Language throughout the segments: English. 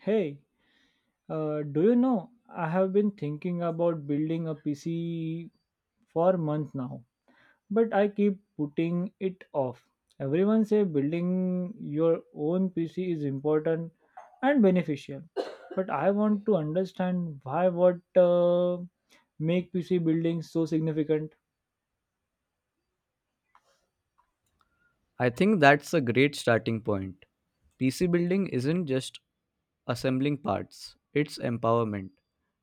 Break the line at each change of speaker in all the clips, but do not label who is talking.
Hey, do you know? I have been thinking about building a PC for months now, but I keep putting it off. Everyone say building your own PC is important and beneficial, but I want to understand why what make PC building so significant.
I think that's a great starting point. PC building isn't just assembling parts, it's empowerment,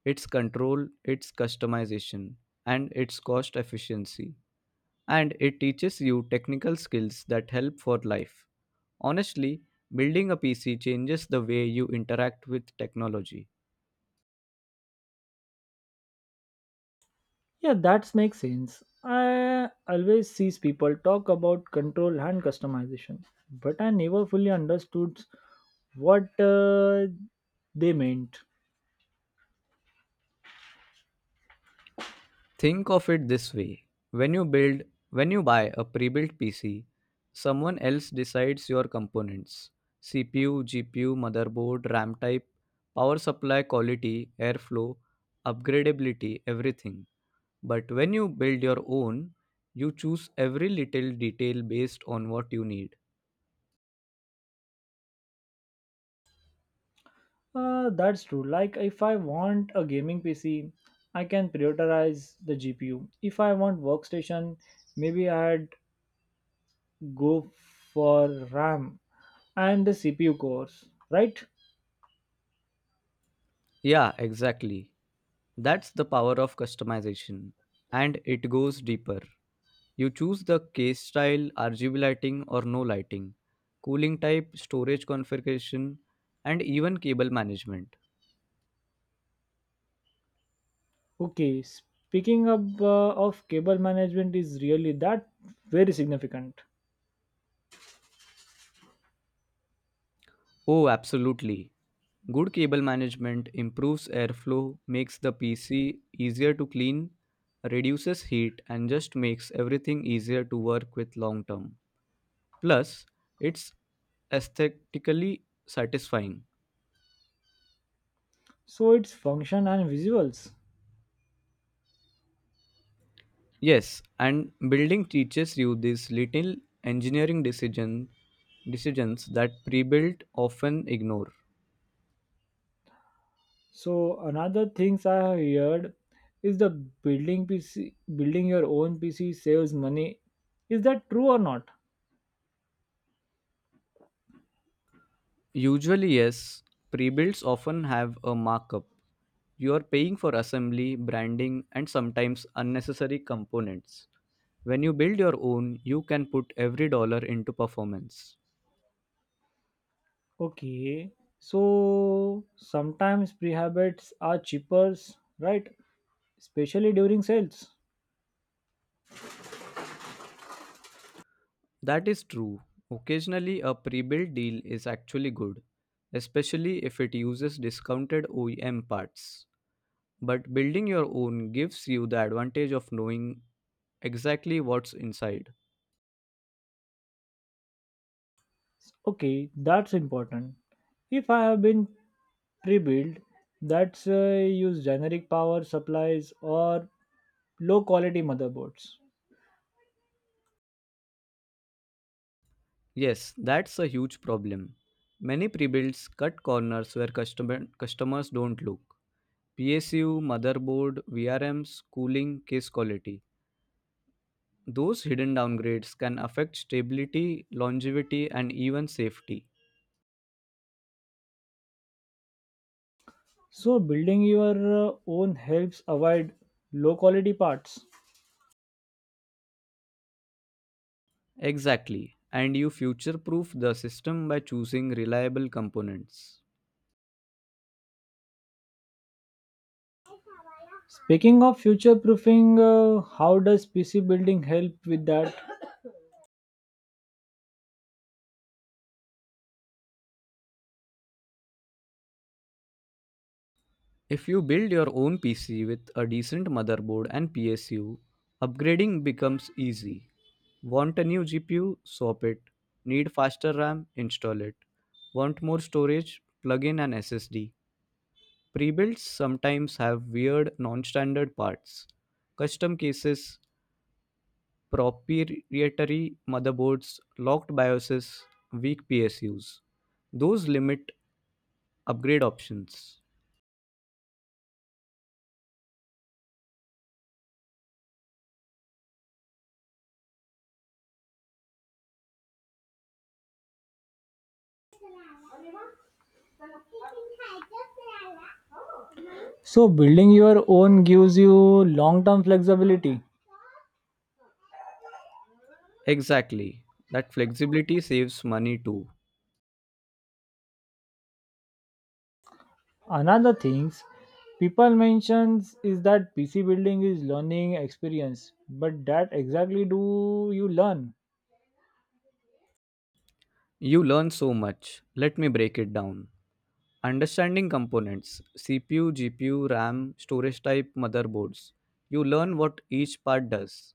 it's control, it's customization, and it's cost efficiency. And it teaches you technical skills that help for life. Honestly, building a PC changes the way you interact with technology.
Yeah, that makes sense. I always sees people talk about control and customization, but I never fully understood what they meant.
Think of it this way. When you build when you buy a pre-built PC, someone else decides your components. CPU, GPU, motherboard, RAM type, power supply quality, airflow, upgradability, everything. But when you build your own, you choose every little detail based on what you need.
That's true. Like, if I want a gaming PC, I can prioritize the GPU. If I want workstation, maybe I'd go for RAM and the CPU cores, right?
Yeah, exactly. That's the power of customization. And it goes deeper. You choose the case style, RGB lighting or no lighting, cooling type, storage configuration, and even cable management.
Okay, speaking of cable management is really that very significant.
Oh, absolutely. Good cable management improves airflow, makes the PC easier to clean, reduces heat, and just makes everything easier to work with long term. Plus, it's aesthetically satisfying.
So its function and visuals.
Yes, and building teaches you these little engineering decisions that pre-built often ignore.
So another things I have heard is the building PC building your own PC saves money. Is that true or not?
Usually, yes, pre-builds often have a markup. You are paying for assembly, branding, and sometimes unnecessary components. When you build your own, you can put every dollar into performance.
Okay, so sometimes prehabits are cheaper, right, especially during sales.
That is true. Occasionally, a pre built deal is actually good, especially if it uses discounted OEM parts. But building your own gives you the advantage of knowing exactly what's inside.
Okay, that's important. If I have been pre-built that's use generic power supplies or low quality motherboards.
Yes, that's a huge problem. Many pre-builds cut corners where customers don't look. PSU, motherboard, VRMs, cooling, case quality. Those hidden downgrades can affect stability, longevity, and even safety.
So, building your own helps avoid low quality parts.
Exactly. And you future proof the system by choosing reliable components.
Speaking of future proofing, how does PC building help with that?
If you build your own PC with a decent motherboard and PSU, upgrading becomes easy. Want a new GPU? Swap it. Need faster RAM? Install it. Want more storage? Plug in an SSD. Pre-builds sometimes have weird non-standard parts. Custom cases, proprietary motherboards, locked BIOSes, weak PSUs. Those limit upgrade options.
So, building your own gives you long term flexibility.
Exactly. That flexibility saves money too.
Another things people mentions is that PC building is learning experience, but that exactly do you learn?
You learn so much. Let me break it down. Understanding components CPU, GPU, RAM, storage type, motherboards. You learn what each part does.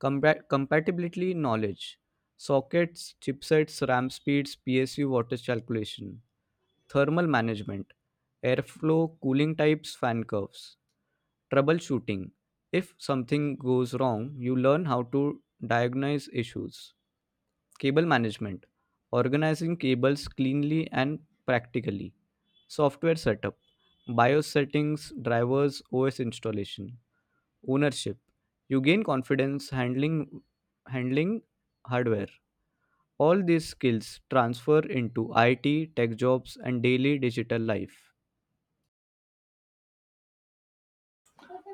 Compatibility knowledge sockets, chipsets, RAM speeds, PSU wattage calculation, thermal management, airflow, cooling types, fan curves, troubleshooting. If something goes wrong, you learn how to diagnose issues. Cable management, organizing cables cleanly and practically. Software setup, BIOS settings, drivers, OS installation. Ownership, you gain confidence handling hardware. All these skills transfer into IT, tech jobs, and daily digital life.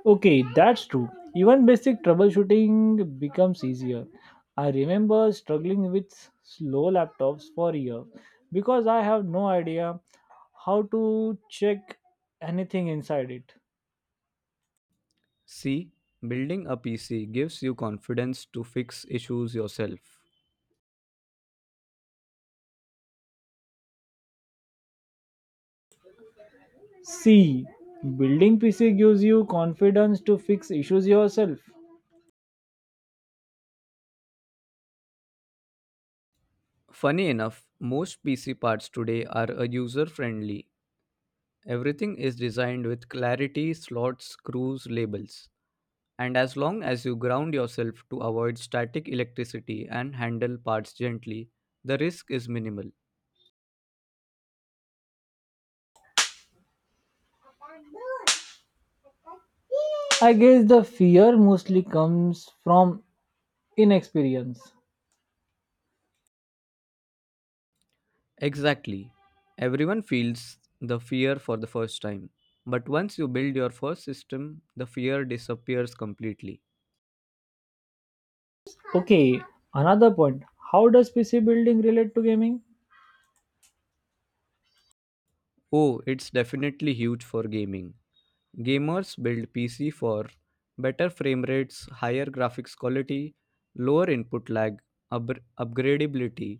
Okay, that's true. Even basic troubleshooting becomes easier. I remember struggling with slow laptops for years because I have no idea how to check anything inside it.
C. Building a PC gives you confidence to fix issues yourself.
See, building PC gives you confidence to fix issues yourself.
Funny enough, most PC parts today are user friendly. Everything is designed with clarity, slots, screws, labels. And as long as you ground yourself to avoid static electricity and handle parts gently, the risk is minimal.
I guess the fear mostly comes from inexperience.
Exactly. Everyone feels the fear for the first time. But once you build your first system, the fear disappears completely.
Okay, another point. How does PC building relate to gaming?
Oh, it's definitely huge for gaming. Gamers build PC for better frame rates, higher graphics quality, lower input lag, upgradability,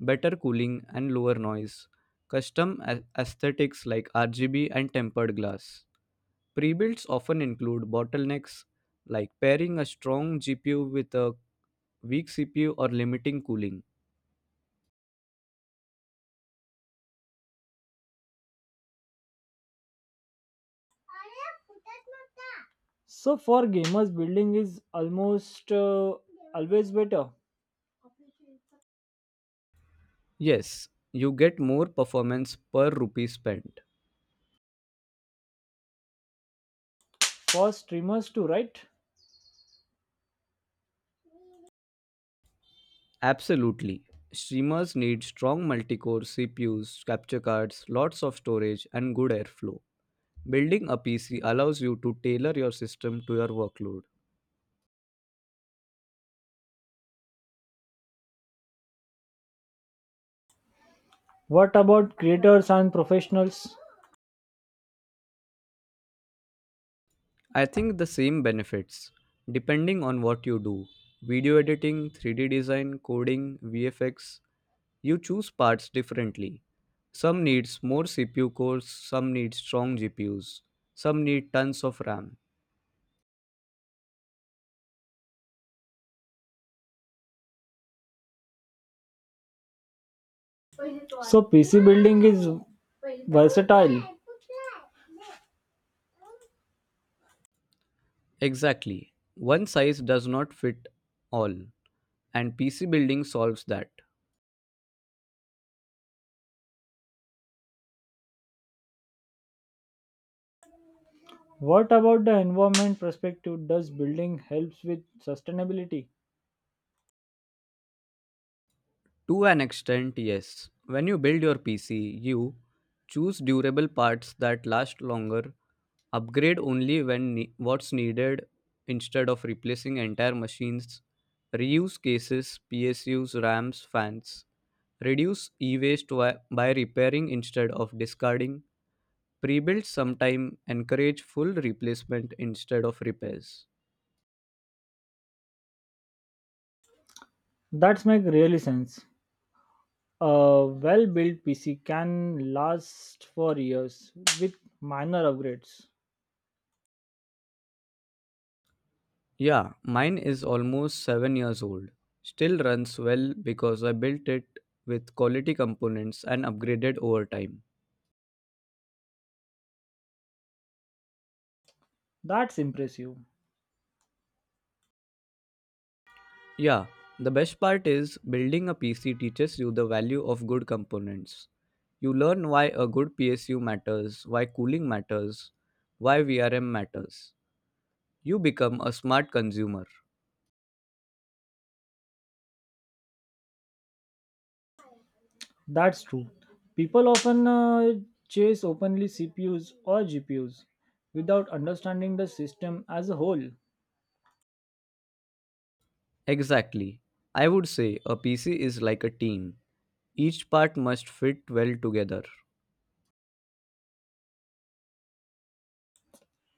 better cooling, and lower noise. Custom aesthetics like RGB and tempered glass. Pre-builds often include bottlenecks like pairing a strong GPU with a weak CPU or limiting cooling.
So for gamers, building is almost always better
Yes, you get more performance per rupee spent.
for streamers too, right?
Absolutely. Streamers need strong multi-core CPUs, capture cards, lots of storage, and good airflow. Building a PC allows you to tailor your system to your workload.
What about creators and professionals?
I think the same benefits depending on what you do. Video editing, 3D design, coding, VFX, you choose parts differently. Some needs more CPU cores, some need strong GPUs, some need tons of RAM.
So PC building is versatile.
Exactly. One size does not fit all. And PC building solves that.
What about the environment perspective? Does building helps with sustainability?
To an extent, yes. When you build your PC, you choose durable parts that last longer, upgrade only when what's needed instead of replacing entire machines, reuse cases, PSUs, RAMs, fans, reduce e waste by repairing instead of discarding, pre build sometime, encourage full replacement instead of repairs.
That's make really sense. A well-built PC can last for years with minor upgrades.
Yeah, mine is almost 7 years old. Still runs well because I built it with quality components and upgraded over time.
That's impressive.
Yeah, the best part is building a PC teaches you the value of good components. You learn why a good PSU matters, why cooling matters, why VRM matters. You become a smart consumer.
That's true. People often chase openly CPUs or GPUs without understanding the system as a whole.
Exactly. I would say a PC is like a team. Each part must fit well together.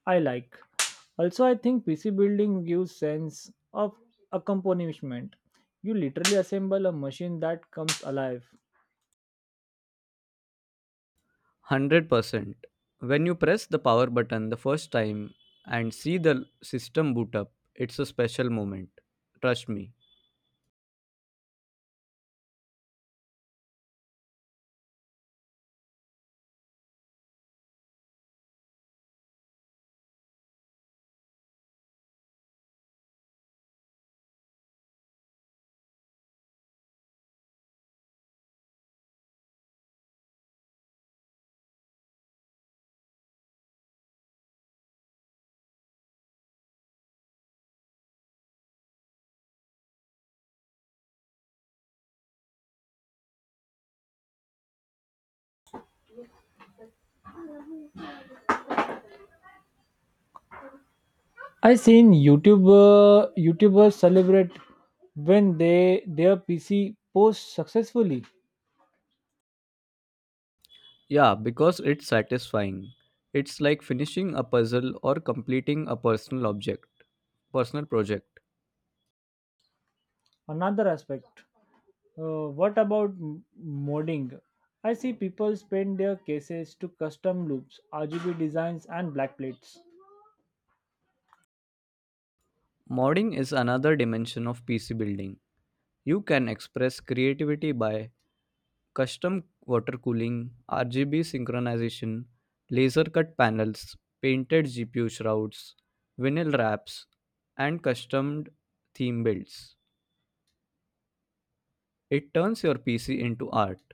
I like. Also, I think PC building gives sense of accompaniment. You literally assemble a machine that comes alive.
100%. When you press the power button the first time and see the system boot up, it's a special moment. Trust me.
I seen YouTubers celebrate when they their PC posts successfully.
Yeah, because it's satisfying. It's like finishing a puzzle or completing a personal project.
Another aspect. What about modding? I see people spend their cases to custom loops, RGB designs, and black plates.
Modding is another dimension of PC building. You can express creativity by custom water cooling, RGB synchronization, laser cut panels, painted GPU shrouds, vinyl wraps, and custom theme builds. It turns your PC into art.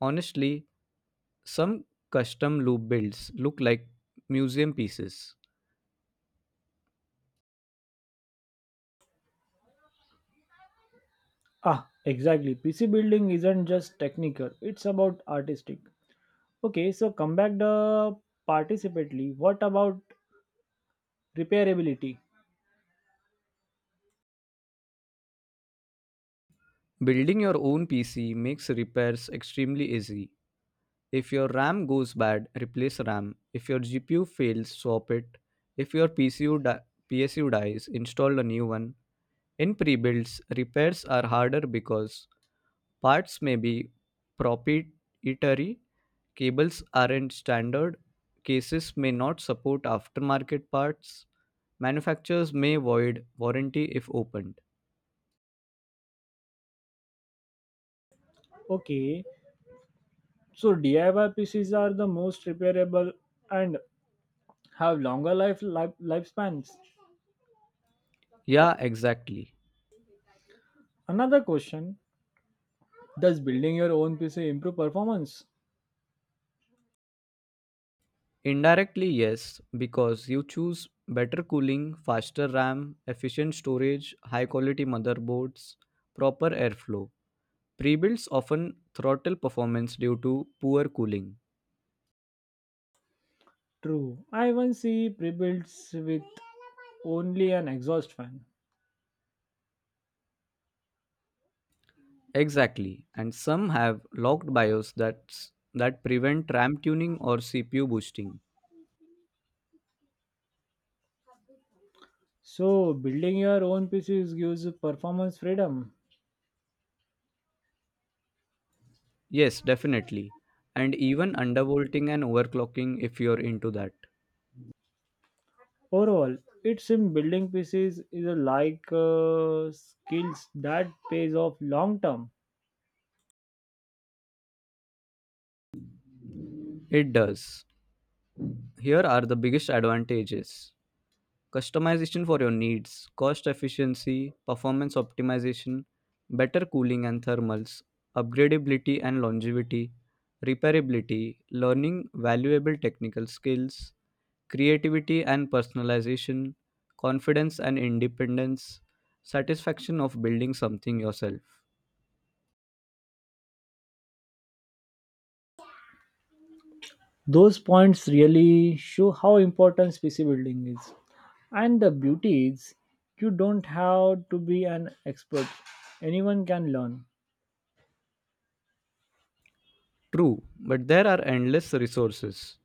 Honestly, some custom loop builds look like museum pieces.
Ah, exactly. PC building isn't just technical, it's about artistic. Okay, so come back the participately. What about repairability?
Building your own PC makes repairs extremely easy. If your RAM goes bad, replace RAM. If your GPU fails, swap it. If your PSU dies, install a new one. In pre-builds, repairs are harder because parts may be proprietary, cables aren't standard, cases may not support aftermarket parts, manufacturers may void warranty if opened.
Okay, so DIY PCs are the most repairable and have longer life lifespans.
Yeah, exactly.
Another question. Does building your own PC improve performance?
Indirectly, yes, because you choose better cooling, faster RAM, efficient storage, high quality motherboards, proper airflow. Pre-builds often throttle performance due to poor cooling.
True. I once see pre-builds with only an exhaust fan.
Exactly, and some have locked BIOS that prevent RAM tuning or CPU boosting.
So building your own PCs gives you performance freedom.
Yes, definitely. And even undervolting and overclocking if you're into that.
Overall, it's in building PCs is a like skills that pays off long term.
It does. Here are the biggest advantages. Customization for your needs, cost efficiency, performance optimization, better cooling and thermals, upgradability and longevity, repairability, learning valuable technical skills, creativity and personalization, confidence and independence, satisfaction of building something yourself.
Those points really show how important PC building is. And the beauty is you don't have to be an expert. Anyone can learn.
True, but there are endless resources.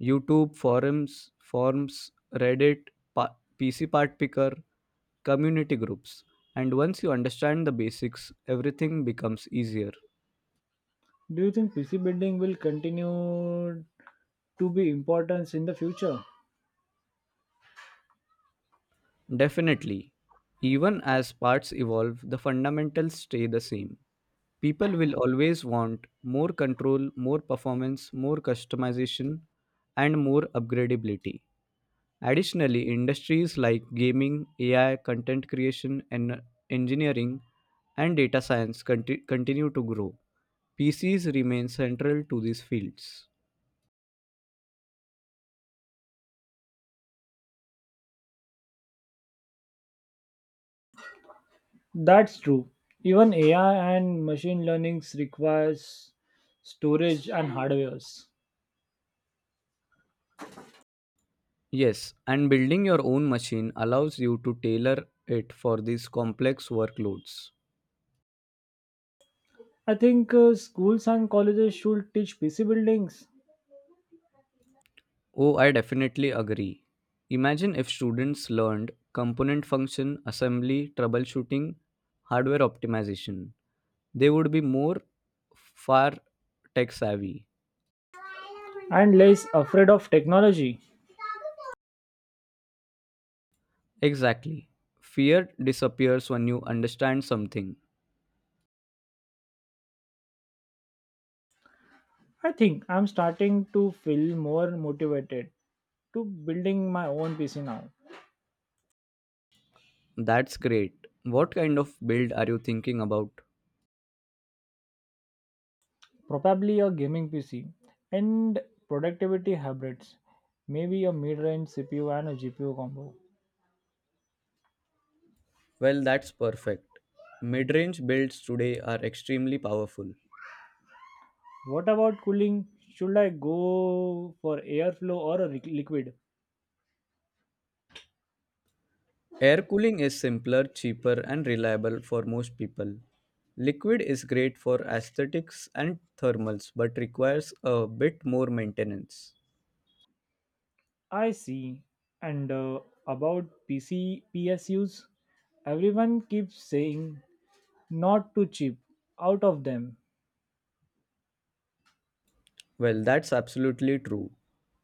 YouTube, forums, forms, Reddit, PC part picker, community groups. And once you understand the basics, everything becomes easier.
Do you think PC building will continue to be important in the future.
Definitely. Even as parts evolve, the fundamentals stay the same. People will always want more control, more performance, more customization, and more upgradability. Additionally, industries like gaming, AI, content creation, and engineering and data science continue to grow. PCs remain central to these fields.
That's true. Even AI and machine learnings requires storage and hardwares.
Yes, and building your own machine allows you to tailor it for these complex workloads.
I think schools and colleges should teach PC buildings
Oh, I definitely agree. Imagine if students learned component function, assembly, troubleshooting, hardware optimization. They would be more far tech savvy.
and less afraid of technology.
Exactly. Fear disappears when you understand something.
I think I'm starting to feel more motivated to building my own PC now.
That's great. What kind of build are you thinking about?
Probably a gaming PC and productivity hybrids. Maybe a mid-range CPU and a GPU combo.
Well, that's perfect. Mid range builds today are extremely powerful.
What about cooling? Should I go for airflow or a liquid?
Air cooling is simpler, cheaper, and reliable for most people. Liquid is great for aesthetics and thermals but requires a bit more maintenance.
I see. And about PC PSUs, everyone keeps saying not to cheap out of them.
Well, that's absolutely true.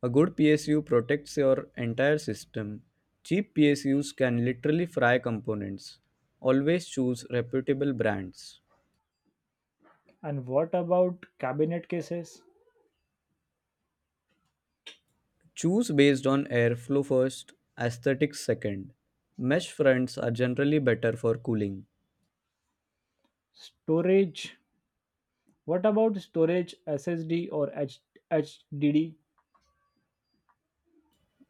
A good PSU protects your entire system. Cheap PSUs can literally fry components. Always choose reputable brands.
And what about cabinet cases?
Choose based on airflow first, aesthetics second. Mesh fronts are generally better for cooling.
Storage? What about storage SSD or HDD?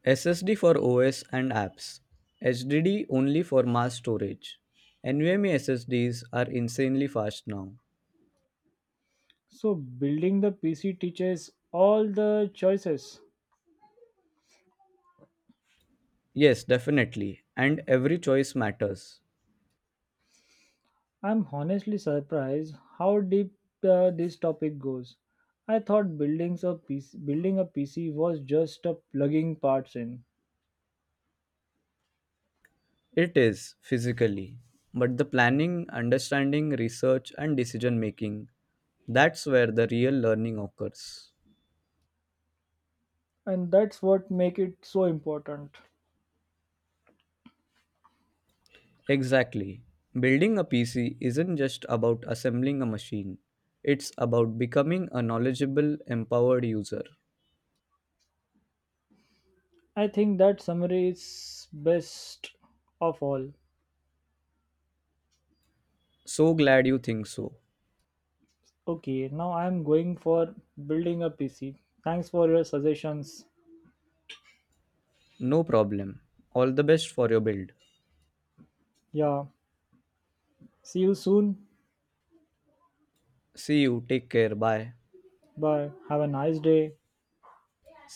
SSD for OS and apps. HDD only for mass storage. NVMe SSDs are insanely fast now.
So building the PC teaches all the choices.
Yes, definitely. And every choice matters.
I'm honestly surprised how deep this topic goes. I thought building a PC was just a plugging parts in,
It is physically. But the planning, understanding, research, and decision making, that's where the real learning occurs.
and that's what make it so important.
Exactly. Building a PC isn't just about assembling a machine, it's about becoming a knowledgeable, empowered user.
I think that summary is best of all.
So glad you think so.
Okay, now I'm going for building a PC. Thanks for your suggestions.
No problem. All the best for your build.
Yeah, see you soon.
See you. Take care. Bye.
Bye. Have a nice day.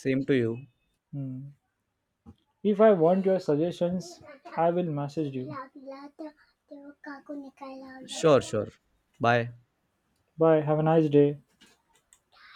Same to you.
Hmm. If I want your suggestions, I will message you.
Sure, sure. Bye.
Bye. Have a nice day.